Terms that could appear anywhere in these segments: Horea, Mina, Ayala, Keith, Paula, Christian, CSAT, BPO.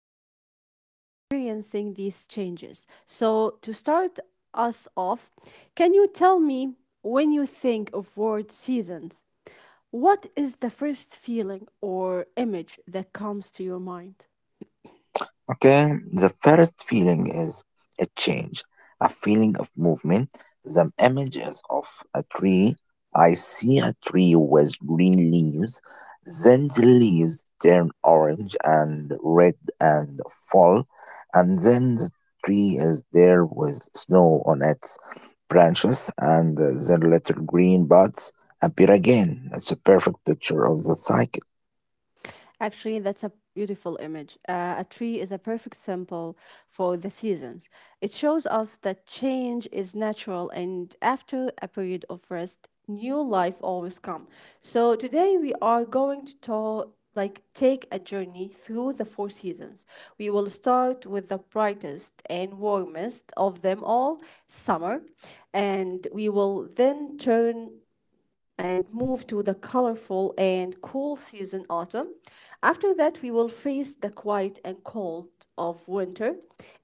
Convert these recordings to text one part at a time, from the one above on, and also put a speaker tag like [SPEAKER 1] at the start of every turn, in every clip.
[SPEAKER 1] planet together, experiencing these changes. So, to start us off, can you tell me, when you think of word seasons, what is the first feeling or image that comes to your mind?
[SPEAKER 2] Okay, the first feeling is a change, a feeling of movement. The image is of a tree. I see a tree with green leaves. Then the leaves turn orange and red and fall. And then the tree is bare with snow on its branches, and the little green buds appear again. It's a perfect picture of the cycle.
[SPEAKER 1] Actually, that's a beautiful image. A tree is a perfect symbol for the seasons. It shows us that change is natural, and after a period of rest, new life always comes. So today we are going to talk. Like, take a journey through the four seasons. We will start with the brightest and warmest of them all, summer, and we will then turn and move to the colorful and cool season autumn. After that, we will face the quiet and cold of winter.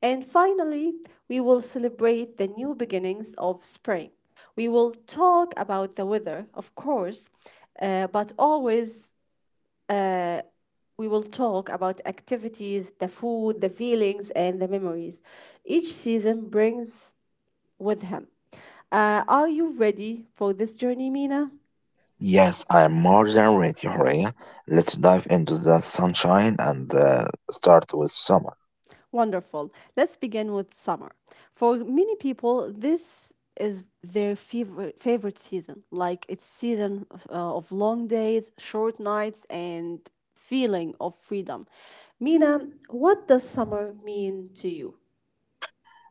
[SPEAKER 1] And finally, we will celebrate the new beginnings of spring. We will talk about the weather, of course, but always we will talk about activities, the food, the feelings, and the memories each season brings with him. Are you ready for this journey, Mina?
[SPEAKER 2] Yes, I'm more than ready, Horea. Let's dive into the sunshine and start with summer.
[SPEAKER 1] Wonderful. Let's begin with summer. For many people, this is their favorite season. Like it's season of long days, short nights, and feeling of freedom. Mina, what does summer mean to you?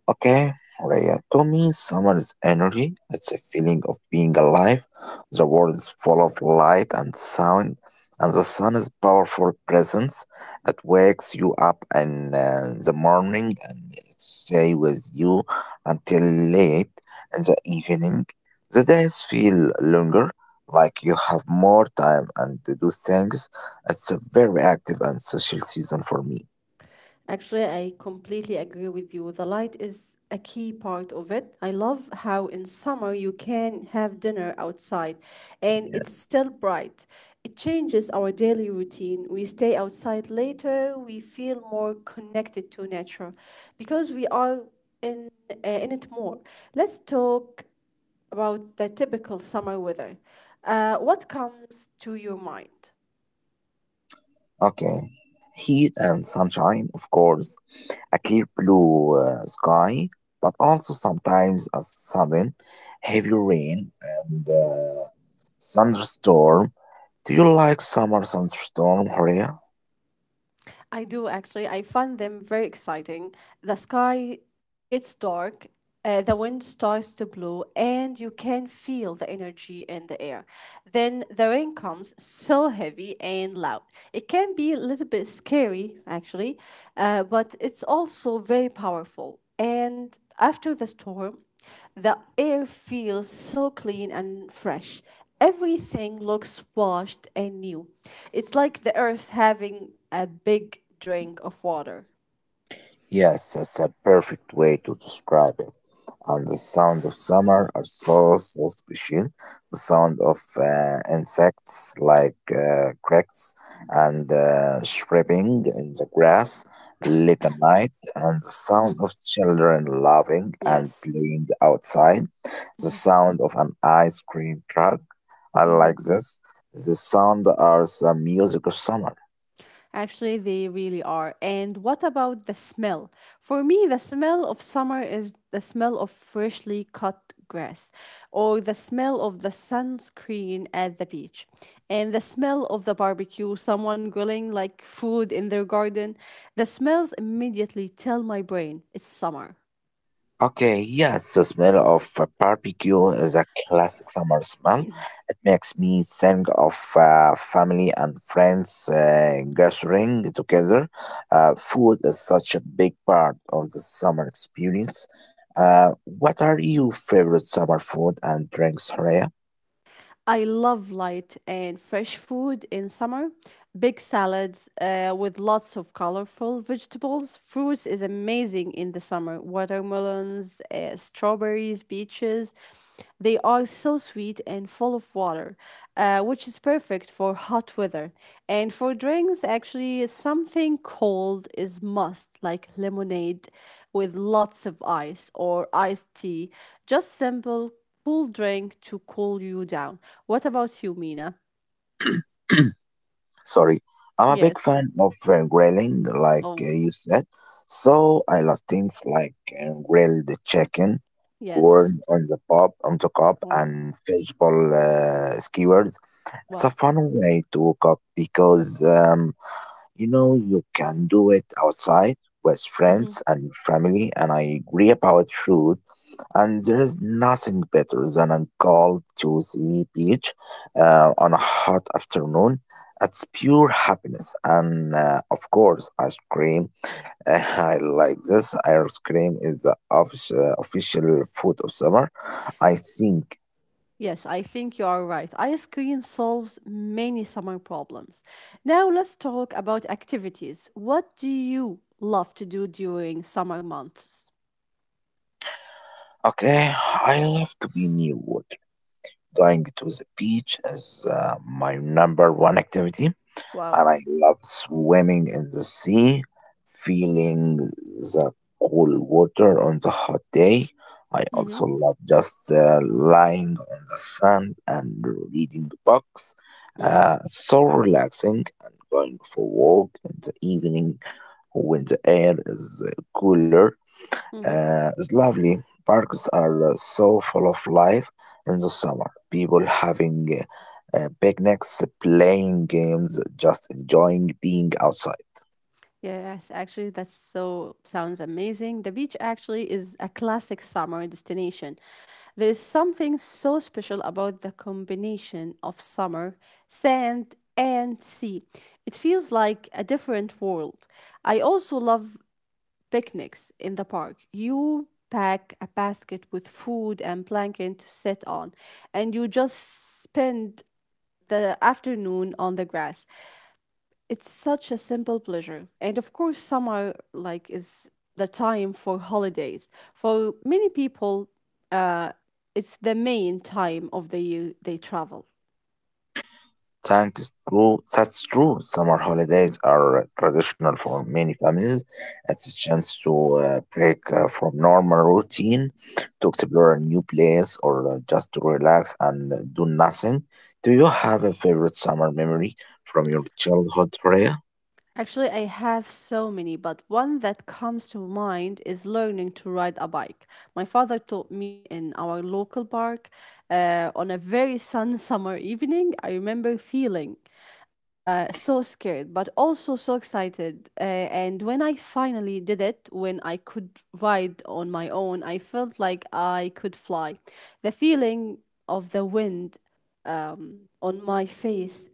[SPEAKER 2] Okay, Raya, to me, summer is energy. It's a feeling of being alive. The world is full of light and sound, and the sun is powerful presence. It wakes you up in the morning and it stay with you until late in the evening. The days feel longer, like you have more time and to do things. It's a very active and social season for me.
[SPEAKER 1] Actually, I completely agree with you. The light is a key part of it. I love how in summer you can have dinner outside and it's
[SPEAKER 2] Yes.
[SPEAKER 1] still bright. It changes our daily routine. We stay outside later, we feel more connected to nature because we are in it more. Let's talk about the typical summer weather. What comes to your mind?
[SPEAKER 2] Okay. Heat and sunshine, of course, a clear blue sky, but also sometimes a sudden heavy rain and thunderstorm. Do you like summer thunderstorm, Horia?
[SPEAKER 1] I do actually. I find them very exciting. The sky gets dark, the wind starts to blow, and you can feel the energy in the air. Then the rain comes so heavy and loud. It can be a little bit scary, actually, but it's also very powerful. And after the storm, the air feels so clean and fresh. Everything looks washed and new. It's like the earth having a big drink of water.
[SPEAKER 2] Yes, that's a perfect way to describe it. And the sound of summer are so special. The sound of insects like crickets and chirping in the grass late at night, and the sound
[SPEAKER 1] Mhm.
[SPEAKER 2] of children laughing and
[SPEAKER 1] Yes.
[SPEAKER 2] playing outside. The
[SPEAKER 1] Mhm.
[SPEAKER 2] sound of an ice cream truck. I
[SPEAKER 1] Mhm.
[SPEAKER 2] like this. The sound are the music of summer.
[SPEAKER 1] Actually, they really are. And what about the smell? For me, the smell of summer is the smell of freshly cut grass, or the smell of the sunscreen at the beach, and the smell of the barbecue, someone grilling like food in their garden. The smells immediately tell my brain it's summer.
[SPEAKER 2] Okay, yes, the smell of a barbecue is a classic summer smell. It makes me think of family and friends gathering together. Food is such a big part of the summer experience. What are your favorite summer food and drinks, Horea?
[SPEAKER 1] I love light and fresh food in summer. Big salads with lots of colorful vegetables. Fruits is amazing in the summer. Watermelons, strawberries, peaches. They are so sweet and full of water, which is perfect for hot weather. And for drinks, actually, something cold is must, like lemonade with lots of ice or iced tea. Just simple, cool drink to cool you down. What about you, Mina?
[SPEAKER 2] Sorry, I'm a big
[SPEAKER 1] Yes.
[SPEAKER 2] fan of grilling, like
[SPEAKER 1] Oh,
[SPEAKER 2] you said. So I love things like grilled chicken,
[SPEAKER 1] yes.
[SPEAKER 2] corn on the cob,
[SPEAKER 1] Wow.
[SPEAKER 2] and fishbowl skewers. It's a
[SPEAKER 1] Wow.
[SPEAKER 2] fun way to cook because you know you can do it outside with
[SPEAKER 1] Hmm.
[SPEAKER 2] friends and family. And I agree about food and there is nothing better than a cold, juicy peach on a hot afternoon. It's pure happiness. And of course, ice cream. I like this. Ice cream is the official food of summer, I think.
[SPEAKER 1] Yes, I think you are right. Ice cream solves many summer problems. Now let's talk about activities. What do you love to do during summer months?
[SPEAKER 2] Okay, I love to be near water. Going to the beach is my number one activity,
[SPEAKER 1] Wow.
[SPEAKER 2] and I love swimming in the sea, feeling the cool water on the hot day. I
[SPEAKER 1] Mm-hmm.
[SPEAKER 2] also love just lying on the sand and reading books.
[SPEAKER 1] Mm-hmm.
[SPEAKER 2] So relaxing, and going for a walk in the evening when the air is cooler. It's lovely. Parks are so full of life in the summer. People having picnics, playing games, just enjoying being outside.
[SPEAKER 1] Yes, actually, that's so sounds amazing. The beach actually is a classic summer destination. There is something so special about the combination of summer, sand, and sea. It feels like a different world. I also love picnics in the park. You pack a basket with food and blanket to sit on, and you just spend the afternoon on the grass. It's such a simple pleasure. And of course, summer like is the time for holidays. For many people, uh, it's the main time of the year they travel.
[SPEAKER 2] Thanks true. That's true. Summer holidays are traditional for many families. It's a chance to break from normal routine, to explore a new place, or just to relax and do nothing. Do you have a favorite summer memory from your childhood, Ray?
[SPEAKER 1] Actually, I have so many, but one that comes to mind is learning to ride a bike. My father taught me in our local park on a very sun summer evening. I remember feeling so scared, but also so excited. And when I finally did it, when I could ride on my own, I felt like I could fly. The feeling of the wind on my face,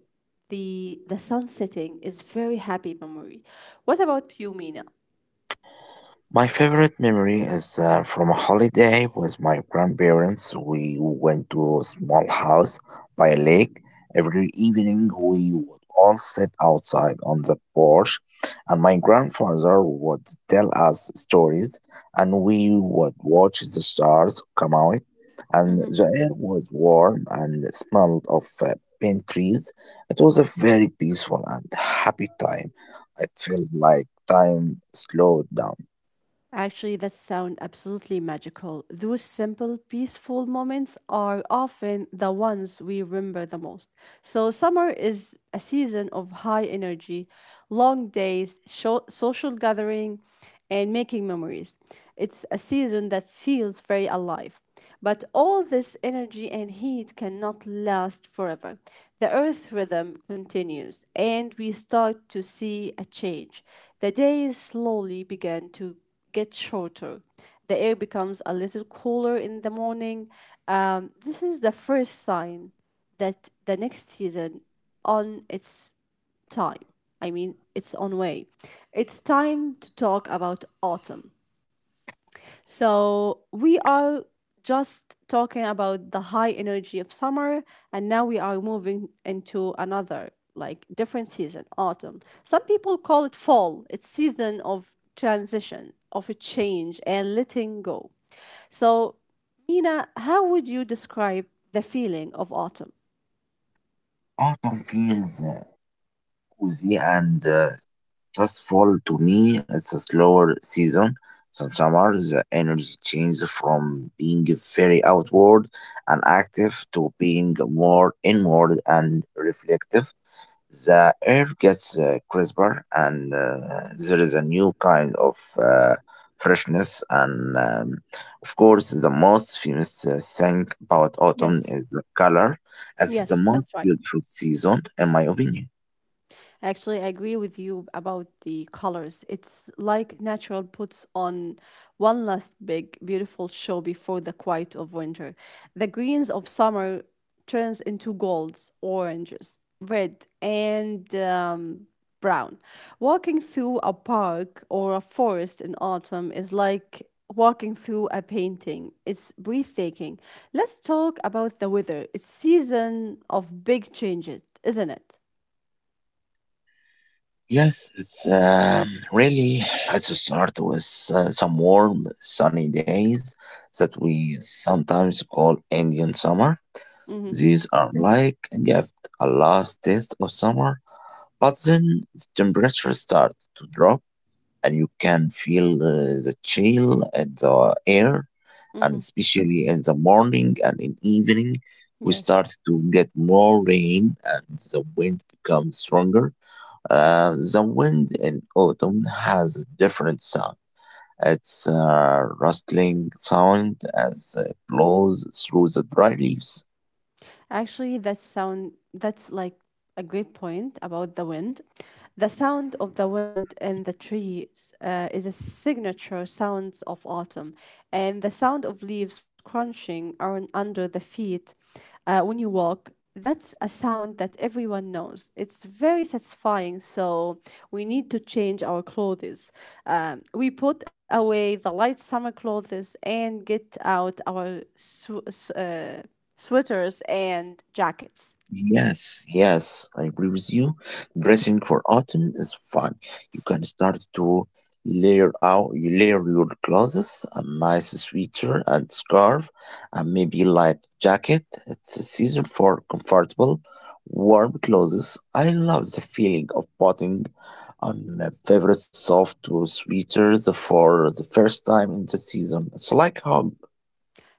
[SPEAKER 1] the sun setting is very happy memory. What about you, Mina?
[SPEAKER 2] My favorite memory is from a holiday with my grandparents. We went to a small house by a lake. Every evening, we would all sit outside on the porch, and my grandfather would tell us stories, and we would watch the stars come out. And
[SPEAKER 1] Mm-hmm.
[SPEAKER 2] the air was warm and smelled of pine trees. It was a very peaceful and happy time. It felt like time slowed down.
[SPEAKER 1] Actually, that sound absolutely magical. Those simple, peaceful moments are often the ones we remember the most. So, summer is a season of high energy, long days, social gathering, and making memories. It's a season that feels very alive. But all this energy and heat cannot last forever. The earth rhythm continues, and we start to see a change. The days slowly begin to get shorter. The air becomes a little cooler in the morning. This is the first sign that the next season on its time. I mean, its own way. It's time to talk about autumn. So we are just talking about the high energy of summer, and now we are moving into another, like different season, autumn. Some people call it fall. It's season of transition, of a change and letting go. So, Nina, how would you describe the feeling of autumn?
[SPEAKER 2] Autumn feels cozy and just fall to me. It's a slower season. So summer, the energy changes from being very outward and active to being more inward and reflective. The air gets crisper, and there is a new kind of freshness. And of course, the most famous thing about autumn
[SPEAKER 1] Yes.
[SPEAKER 2] is the color. It's the
[SPEAKER 1] Yes, that's
[SPEAKER 2] most
[SPEAKER 1] right.
[SPEAKER 2] beautiful season in my opinion.
[SPEAKER 1] Actually, I agree with you about the colors. It's like natural puts on one last big, beautiful show before the quiet of winter. The greens of summer turns into golds, oranges, red, and brown. Walking through a park or a forest in autumn is like walking through a painting. It's breathtaking. Let's talk about the weather. It's season of big changes, isn't it?
[SPEAKER 2] Yes, it's really, it's a start with some warm sunny days that we sometimes call Indian summer.
[SPEAKER 1] Mm-hmm.
[SPEAKER 2] These are like a gift, a last taste of summer. But then the temperature starts to drop, and you can feel the chill in the air,
[SPEAKER 1] Mm-hmm.
[SPEAKER 2] and especially in the morning and in evening, we
[SPEAKER 1] Yes,
[SPEAKER 2] start to get more rain, and the wind becomes stronger. The wind in autumn has a different sound. It's a rustling sound as it blows through the dry leaves.
[SPEAKER 1] actually, that sound that's like a great point about the wind. The sound of the wind in the trees is a signature sound of autumn, and the sound of leaves crunching on under the feet when you walk. That's a sound that everyone knows. It's very satisfying, so we need to change our clothes. We put away the light summer clothes and get out our sweaters, and jackets.
[SPEAKER 2] Yes, yes, I agree with you. Dressing for autumn is fun. You can start to layer out, you layer your clothes, a nice sweater and scarf, and maybe light jacket. It's a season for comfortable, warm clothes. I love the feeling of putting on my favorite soft sweaters for the first time in the season. It's like hug.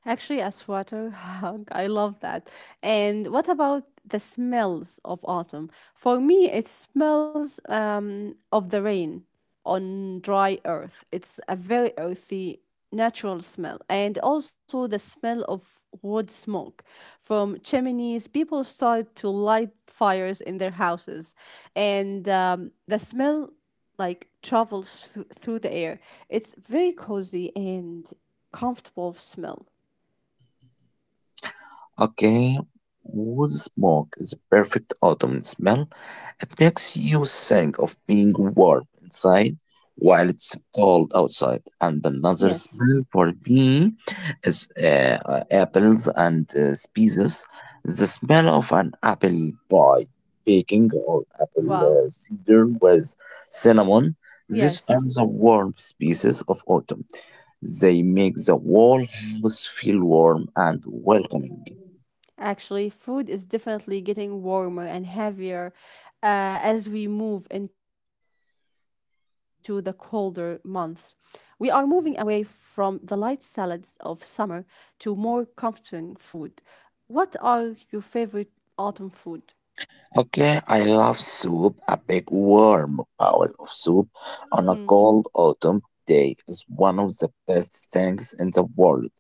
[SPEAKER 1] Actually, a sweater hug. I love that. And what about the smells of autumn? For me, it smells of the rain on dry earth. It's a very earthy, natural smell. And also the smell of wood smoke from chimneys. People start to light fires in their houses. And the smell like travels through the air. It's very cozy and comfortable smell.
[SPEAKER 2] Okay, wood smoke is a perfect autumn smell. It makes you think of being warm inside while it's cold outside. And another
[SPEAKER 1] Yes.
[SPEAKER 2] smell for me is apples and spices. The smell of an apple pie baking, or apple
[SPEAKER 1] Wow.
[SPEAKER 2] cider with cinnamon. These
[SPEAKER 1] Yes.
[SPEAKER 2] are the warm spices of autumn. They make the whole house feel warm and welcoming.
[SPEAKER 1] Actually, food is definitely getting warmer and heavier as we move into the colder months. We are moving away from the light salads of summer to more comforting food. What are your favorite autumn food?
[SPEAKER 2] Okay, I love soup. A big warm bowl of soup on a
[SPEAKER 1] Hmm.
[SPEAKER 2] cold autumn day is one of the best things in the world.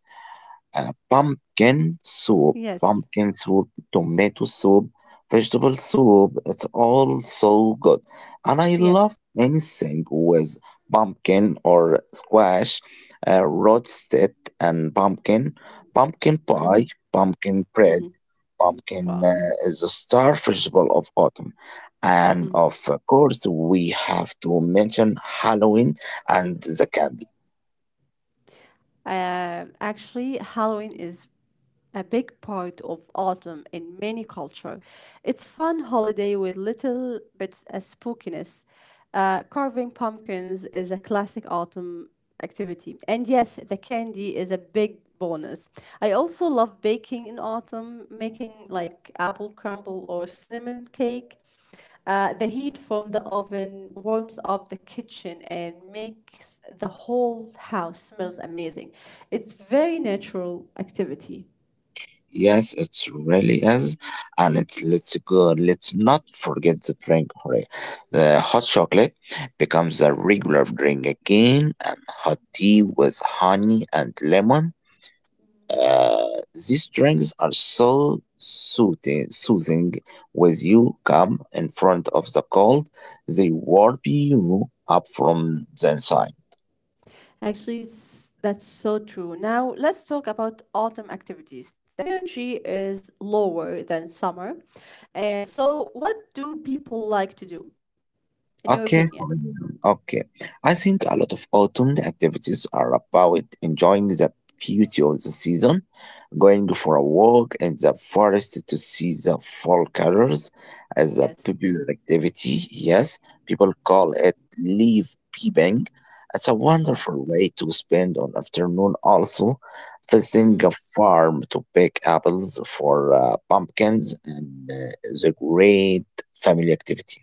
[SPEAKER 2] Pumpkin soup,
[SPEAKER 1] Yes.
[SPEAKER 2] tomato soup, vegetable soup, it's all so good. And I love
[SPEAKER 1] Yes.
[SPEAKER 2] anything with pumpkin or squash, roasted and pumpkin,
[SPEAKER 1] Mm-hmm.
[SPEAKER 2] pumpkin pie, pumpkin
[SPEAKER 1] Mm-hmm.
[SPEAKER 2] bread.
[SPEAKER 1] Wow.
[SPEAKER 2] Pumpkin is the star festival of autumn. And of course, we have to mention Halloween and the candy.
[SPEAKER 1] Actually, Halloween is a big part of autumn in many culture. It's fun holiday with little bits of spookiness. Carving pumpkins is a classic autumn activity. And yes, the candy is a big bonus. I also love baking in autumn, making like apple crumble or cinnamon cake. The heat from the oven warms up the kitchen and makes the whole house smells amazing. It's very natural activity.
[SPEAKER 2] Yes, it really is. And it's let's go. Let's not forget the drink. Hooray. The hot chocolate
[SPEAKER 1] Yes.
[SPEAKER 2] becomes a regular drink again, and hot tea with honey and lemon. Uh, these drinks are so soothing with you come in front of the cold. They warm you up from the inside.
[SPEAKER 1] Actually, it's, that's so true. Now, let's talk about autumn activities. The energy is lower than summer. So, what do people like to do, in your
[SPEAKER 2] Okay,
[SPEAKER 1] opinion?
[SPEAKER 2] Ryan, okay. I think a lot of autumn activities are about enjoying the beauty of the season. Going for a walk in the forest to see the fall colors as a
[SPEAKER 1] Yes.
[SPEAKER 2] popular activity. Yes, people call it leaf peeping. It's a
[SPEAKER 1] Wow.
[SPEAKER 2] wonderful way to spend an afternoon. Also, visiting a farm to pick apples for pumpkins, and the great family activity.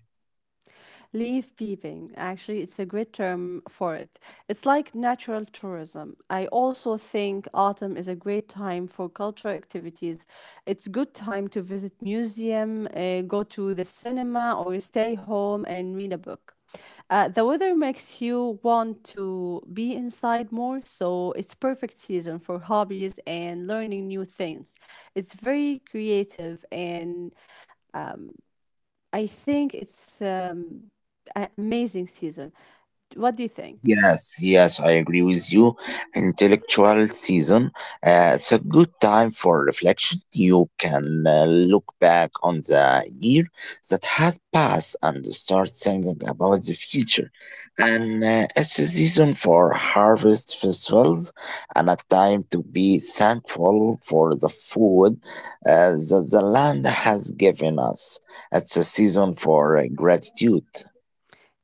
[SPEAKER 1] Leaf peeping, actually, it's a great term for it. It's like natural tourism. I also think autumn is a great time for cultural activities. It's good time to visit museum, go to the cinema, or stay home and read a book. The weather makes you want to be inside more, so it's perfect season for hobbies and learning new things. It's very creative and I think it's a amazing season. What do you think?
[SPEAKER 2] Yes, yes, I agree with you. Intellectual season, it's a good time for reflection. You can look back on the year that has passed and start thinking about the future. And it's a season for harvest festivals and a time to be thankful for the food that the land has given us. It's a season for gratitude.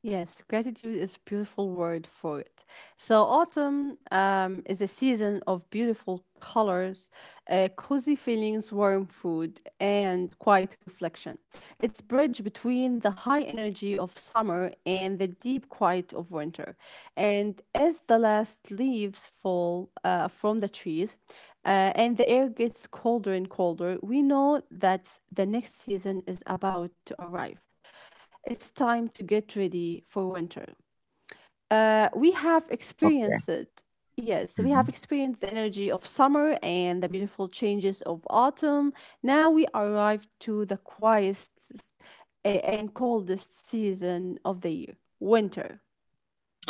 [SPEAKER 1] Yes, gratitude is beautiful word for it. So autumn is a season of beautiful colors, cozy feelings, warm food, and quiet reflection. It's bridge between the high energy of summer and the deep quiet of winter. And as the last leaves fall from the trees, and the air gets colder and colder, we know that the next season is about to arrive. It's time to get ready for winter. We have
[SPEAKER 2] Okay.
[SPEAKER 1] experienced it. Yes, we
[SPEAKER 2] Mm-hmm.
[SPEAKER 1] have experienced the energy of summer and the beautiful changes of autumn. Now we arrive to the quietest and coldest season of the year, winter.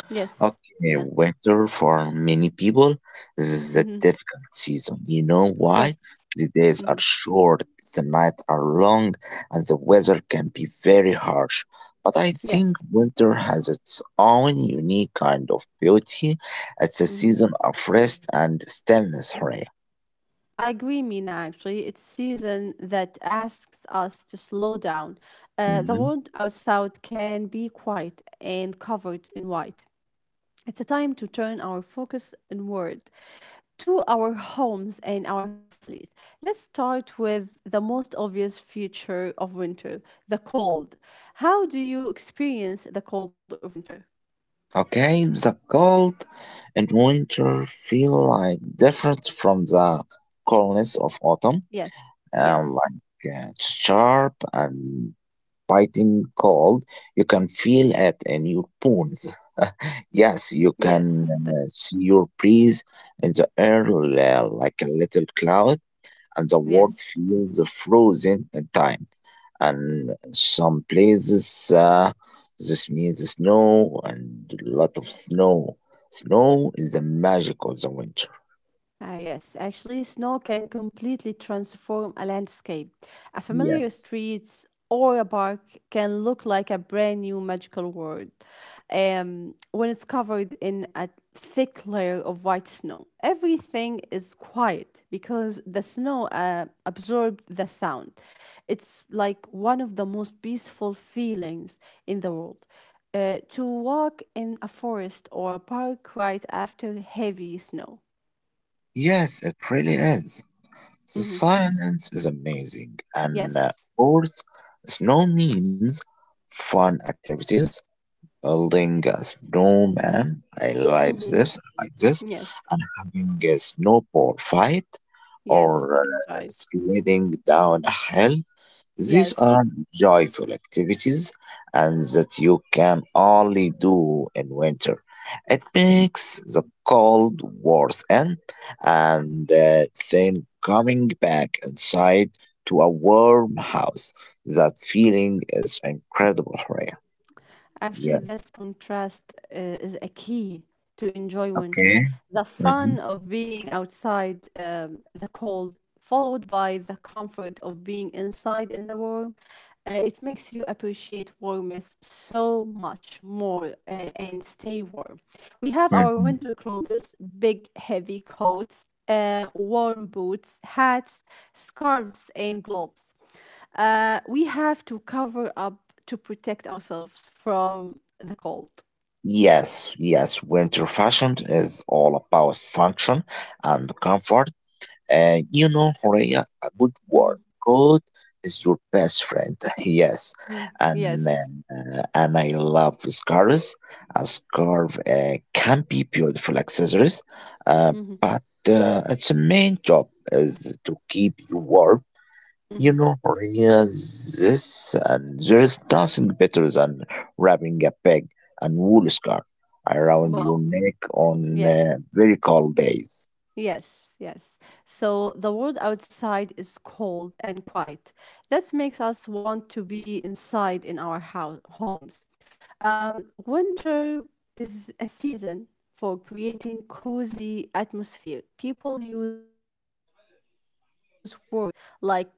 [SPEAKER 1] Yes, you
[SPEAKER 2] Okay,
[SPEAKER 1] know.
[SPEAKER 2] winter for many people is a
[SPEAKER 1] Hmm.
[SPEAKER 2] difficult season. You know why?
[SPEAKER 1] Yes.
[SPEAKER 2] The days
[SPEAKER 1] Hmm.
[SPEAKER 2] are short, the nights are long, and the weather can be very harsh. But I
[SPEAKER 1] Yes.
[SPEAKER 2] think winter has its own unique kind of beauty. It's a
[SPEAKER 1] Mm-hmm.
[SPEAKER 2] season of rest and stillness, Hooray.
[SPEAKER 1] I agree, Mina, actually. It's season that asks us to slow down. The
[SPEAKER 2] Mhm.
[SPEAKER 1] world outside can be quiet and covered in white. It's a time to turn our focus inward to our homes and our families. Let's start with the most obvious feature of winter the cold. How do you experience the cold of winter?
[SPEAKER 2] Okay, the cold and winter feel like different from the coldness of autumn.
[SPEAKER 1] Yes, yes,
[SPEAKER 2] Sharp and biting cold. You can feel it in your bones. Yes, you can
[SPEAKER 1] yes, that's,
[SPEAKER 2] see your breeze in the air like a little cloud, and the world
[SPEAKER 1] yes.
[SPEAKER 2] feels frozen in time. And some places, this means snow, and a lot of snow. Snow is the magic of the winter.
[SPEAKER 1] Ah, yes, actually, snow can completely transform a landscape. A familiar
[SPEAKER 2] Yes.
[SPEAKER 1] street or a park can look like a brand new magical world when it's covered in a thick layer of white snow. Everything is quiet because the snow absorbed the sound. It's like one of the most peaceful feelings in the world. To walk in a forest or a park right after heavy snow.
[SPEAKER 2] Yes, it really is. The
[SPEAKER 1] Mm-hmm.
[SPEAKER 2] silence is amazing, and
[SPEAKER 1] Yes.
[SPEAKER 2] Earth snow means fun activities, building a snowman. I like
[SPEAKER 1] Hmm.
[SPEAKER 2] this,
[SPEAKER 1] Yes.
[SPEAKER 2] and having a snowball fight,
[SPEAKER 1] Yes.
[SPEAKER 2] or
[SPEAKER 1] That's right.
[SPEAKER 2] sledding down a hill. These
[SPEAKER 1] Yes.
[SPEAKER 2] are joyful activities and that you can only do in winter. It makes the cold worth it, and then coming back inside to a warm house. That feeling is incredible, Raya.
[SPEAKER 1] Actually,
[SPEAKER 2] Yes.
[SPEAKER 1] this contrast is a key to enjoy
[SPEAKER 2] Okay.
[SPEAKER 1] winter. The
[SPEAKER 2] Hmm.
[SPEAKER 1] fun of being outside, the cold, followed by the comfort of being inside in the warm, it makes you appreciate warmth so much more and stay warm. We have our
[SPEAKER 2] Hmm.
[SPEAKER 1] winter clothes, big, heavy coats, warm boots, hats, scarves, and gloves we have to cover up to protect ourselves from the cold.
[SPEAKER 2] Yes, yes, winter fashion is all about function and comfort. You know, Horea, a good word.
[SPEAKER 1] Hmm.
[SPEAKER 2] God is your best friend. Yes.
[SPEAKER 1] Mm.
[SPEAKER 2] And
[SPEAKER 1] Yes.
[SPEAKER 2] I love scarves. A scarf can be beautiful accessories, uh,
[SPEAKER 1] Hmm.
[SPEAKER 2] but its main job is to keep you warm. You
[SPEAKER 1] Hmm.
[SPEAKER 2] know, Horea, this and there is nothing better than wrapping a peg and wool scarf around your
[SPEAKER 1] Wow.
[SPEAKER 2] neck on
[SPEAKER 1] Yes.
[SPEAKER 2] very cold days.
[SPEAKER 1] Yes. Yes. So the world outside is cold and quiet. That makes us want to be inside in our house homes. Winter is a season for creating cozy atmosphere. People use word like huggy.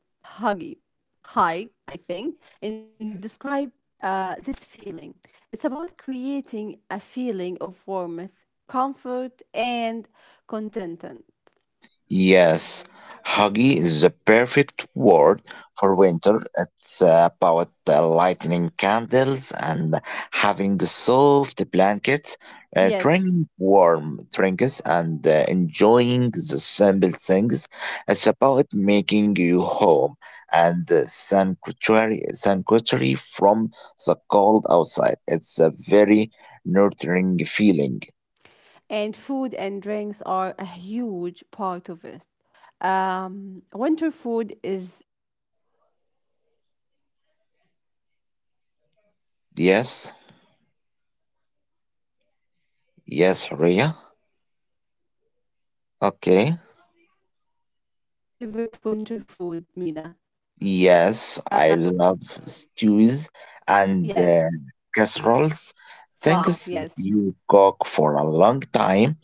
[SPEAKER 1] Hi, I think, in Danish to describe this feeling. It's about creating a feeling of warmth, comfort, and contentment.
[SPEAKER 2] Yes, huggy is the perfect word for winter. It's about lighting candles and having soft blankets,
[SPEAKER 1] Yes,
[SPEAKER 2] drinking warm drinks, and enjoying the simple things. It's about making you home and sanctuary from the cold outside. It's a very nurturing feeling.
[SPEAKER 1] and food and drinks are a huge part of it. Winter food is all about comfort and warmth. We are not eating
[SPEAKER 2] Yes,
[SPEAKER 1] like light salads anymore. We are eating heavy,
[SPEAKER 2] yes,
[SPEAKER 1] warm,
[SPEAKER 2] Rhea.
[SPEAKER 1] and filling food.
[SPEAKER 2] Okay.
[SPEAKER 1] Uh, what are your favorite winter food, Mina?
[SPEAKER 2] Yes, I love stews and
[SPEAKER 1] Yes.
[SPEAKER 2] casseroles. Things
[SPEAKER 1] Wow.
[SPEAKER 2] that
[SPEAKER 1] Yes.
[SPEAKER 2] you cook for a long time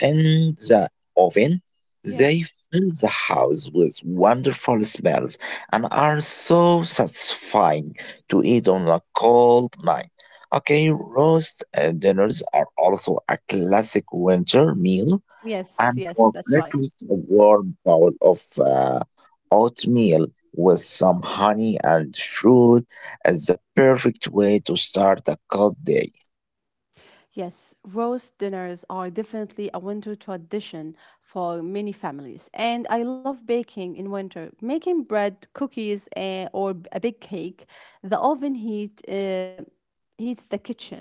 [SPEAKER 2] in the oven. They
[SPEAKER 1] Yes.
[SPEAKER 2] fill the house with wonderful smells and are so satisfying to eat on a cold night. Okay, roast dinners are also a classic winter meal.
[SPEAKER 1] Yes.
[SPEAKER 2] And
[SPEAKER 1] Yes.
[SPEAKER 2] for
[SPEAKER 1] That's right.
[SPEAKER 2] breakfast, a warm bowl of oatmeal with some honey and fruit is the perfect way to start a cold day.
[SPEAKER 1] Yes, roast dinners are definitely a winter tradition for many families. And I love baking in winter, making bread, cookies, eh, or a big cake. The oven heat heats the kitchen,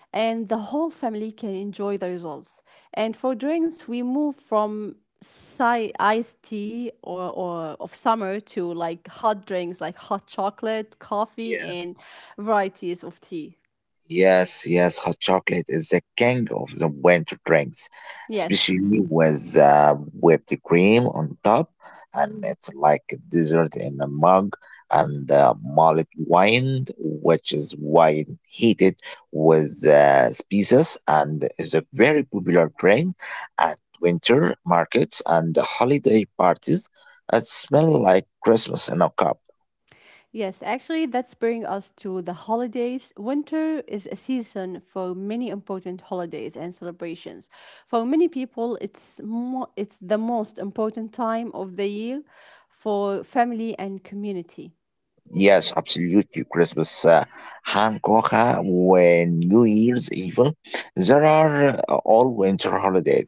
[SPEAKER 1] and the whole family can enjoy the results. And for drinks, we move from iced tea or of summer to like hot drinks like hot chocolate, coffee, and
[SPEAKER 2] Yes.
[SPEAKER 1] varieties of tea.
[SPEAKER 2] Yes, yes, hot chocolate is the king of the winter drinks,
[SPEAKER 1] Yes.
[SPEAKER 2] especially with whipped cream on top, and it's like a dessert in a mug. And malted wine, which is wine heated with spices, and is a very popular drink at winter markets and holiday parties. It smells like Christmas in a cup.
[SPEAKER 1] Yes, actually, that's bring us to the holidays. Winter is a season for many important holidays and celebrations. For many people, it's the most important time of the year for family and community.
[SPEAKER 2] Yes, absolutely. Christmas, Hankoka, when New Year's even, there are all winter holidays.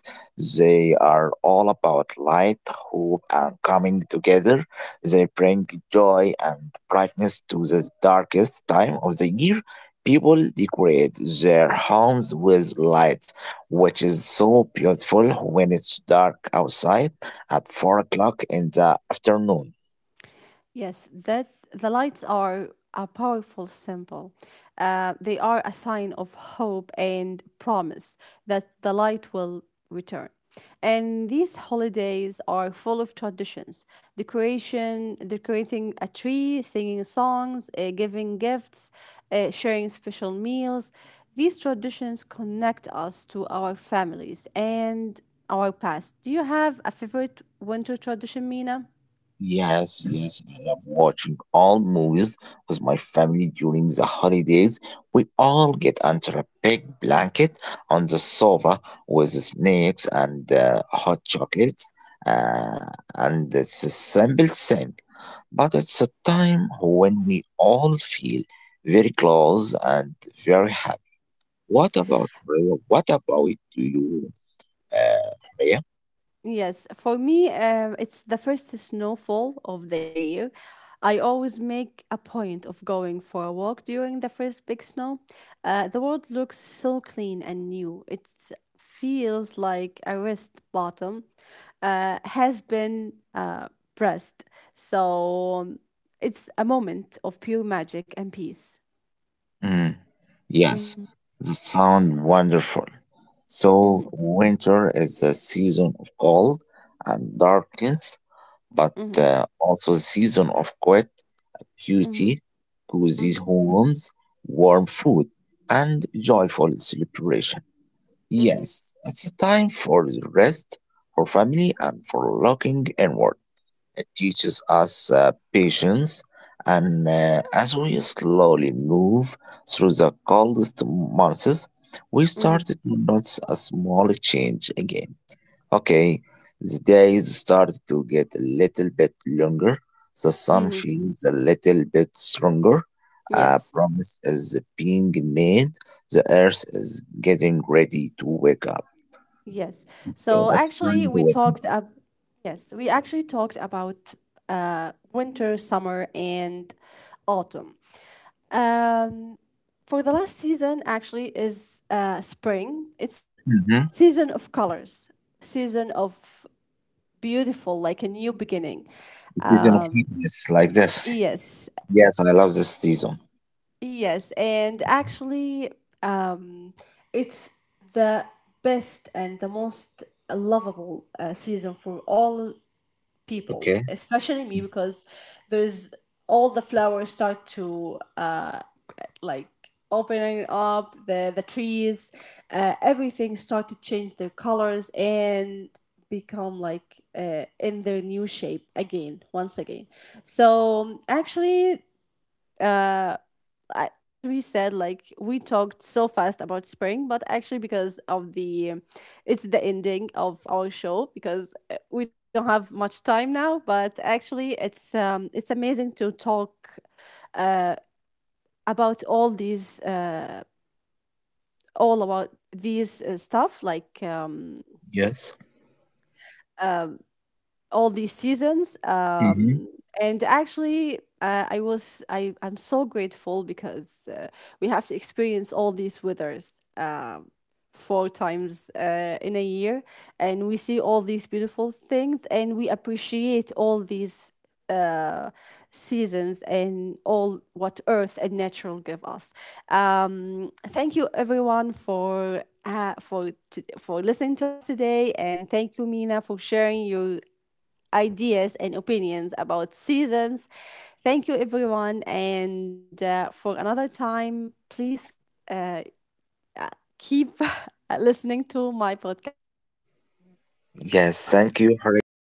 [SPEAKER 2] They are all about light, hope, and coming together. They bring joy and brightness to the darkest time of the year. People decorate their homes with lights, which is so beautiful when it's dark outside at 4 o'clock in the afternoon.
[SPEAKER 1] Yes, that the lights are a powerful symbol. They are a sign of hope and promise that the light will return. And these holidays are full of traditions, decoration, decorating a tree, singing songs, giving gifts, sharing special meals. These traditions connect us to our families and our past. Do you have a favorite winter tradition, Mina?
[SPEAKER 2] Yes, yes, I love watching all movies with my family during the holidays. We all get under a big blanket on the sofa with snacks and hot chocolates. Uh, and It's a simple thing, but it's a time when we all feel very close and very happy. What about Rhea? You, Rhea?
[SPEAKER 1] Yes, for me, it's the first snowfall of the year. I always make a point of going for a walk during the first big snow. The world looks so clean and new. It feels like a rest bottom has been pressed. So it's a moment of pure magic and peace.
[SPEAKER 2] Hmm.
[SPEAKER 1] Mm-hmm.
[SPEAKER 2] Yes, that sounds wonderful.
[SPEAKER 1] Mm-hmm.
[SPEAKER 2] So, winter is a season of cold and darkness, but
[SPEAKER 1] Mm-hmm.
[SPEAKER 2] also a season of quiet
[SPEAKER 1] Mm-hmm.
[SPEAKER 2] beauty,
[SPEAKER 1] Mm-hmm.
[SPEAKER 2] cozy homes, warm food, and joyful celebration. Yes, it's a time for the rest, for family, and for looking inward. It teaches us patience, and as we slowly move through the coldest months, we
[SPEAKER 1] Mm-hmm.
[SPEAKER 2] started to notice a small change again. Okay, the days started to get a little bit longer, the sun
[SPEAKER 1] Mm-hmm.
[SPEAKER 2] feels a little bit stronger. A
[SPEAKER 1] Yes.
[SPEAKER 2] promise is being made. The earth is getting ready to wake up.
[SPEAKER 1] Yes.
[SPEAKER 2] Okay,
[SPEAKER 1] So
[SPEAKER 2] that's
[SPEAKER 1] actually,
[SPEAKER 2] time to wake up.
[SPEAKER 1] yes, we actually talked about winter, summer, and autumn. Um, for the last season, actually, is spring. It's
[SPEAKER 2] Mhm.
[SPEAKER 1] season of colors, season of beautiful, like a new beginning.
[SPEAKER 2] The season of
[SPEAKER 1] Um,
[SPEAKER 2] happiness, like this.
[SPEAKER 1] yes,
[SPEAKER 2] Yes, I
[SPEAKER 1] and
[SPEAKER 2] love this
[SPEAKER 1] uh,
[SPEAKER 2] season.
[SPEAKER 1] Yes, and actually, um, it's the best and the most lovable season for all people,
[SPEAKER 2] Okay.
[SPEAKER 1] especially me, because there's all the flowers start to like opening up the trees, everything start to change their colors and become like in their new shape again once again so actually uh I, as we said, like we talked so fast about spring, but actually because of the, it's the ending of our show because we don't have much time now. But actually, it's amazing to talk about all these, all about these stuff like
[SPEAKER 2] Yes.
[SPEAKER 1] uh, all these seasons
[SPEAKER 2] Hmm.
[SPEAKER 1] and actually I was I I'm so grateful because we have to experience all these withers four times in a year and we see all these beautiful things and we appreciate all these uh seasons and all what earth and natural give us thank you everyone for for listening to us today and thank you mina for sharing your ideas and opinions about seasons. Thank you, everyone. And for another time, please uh, keep listening to my podcast. Thank you, everyone.
[SPEAKER 2] Yes, thank you, Haria.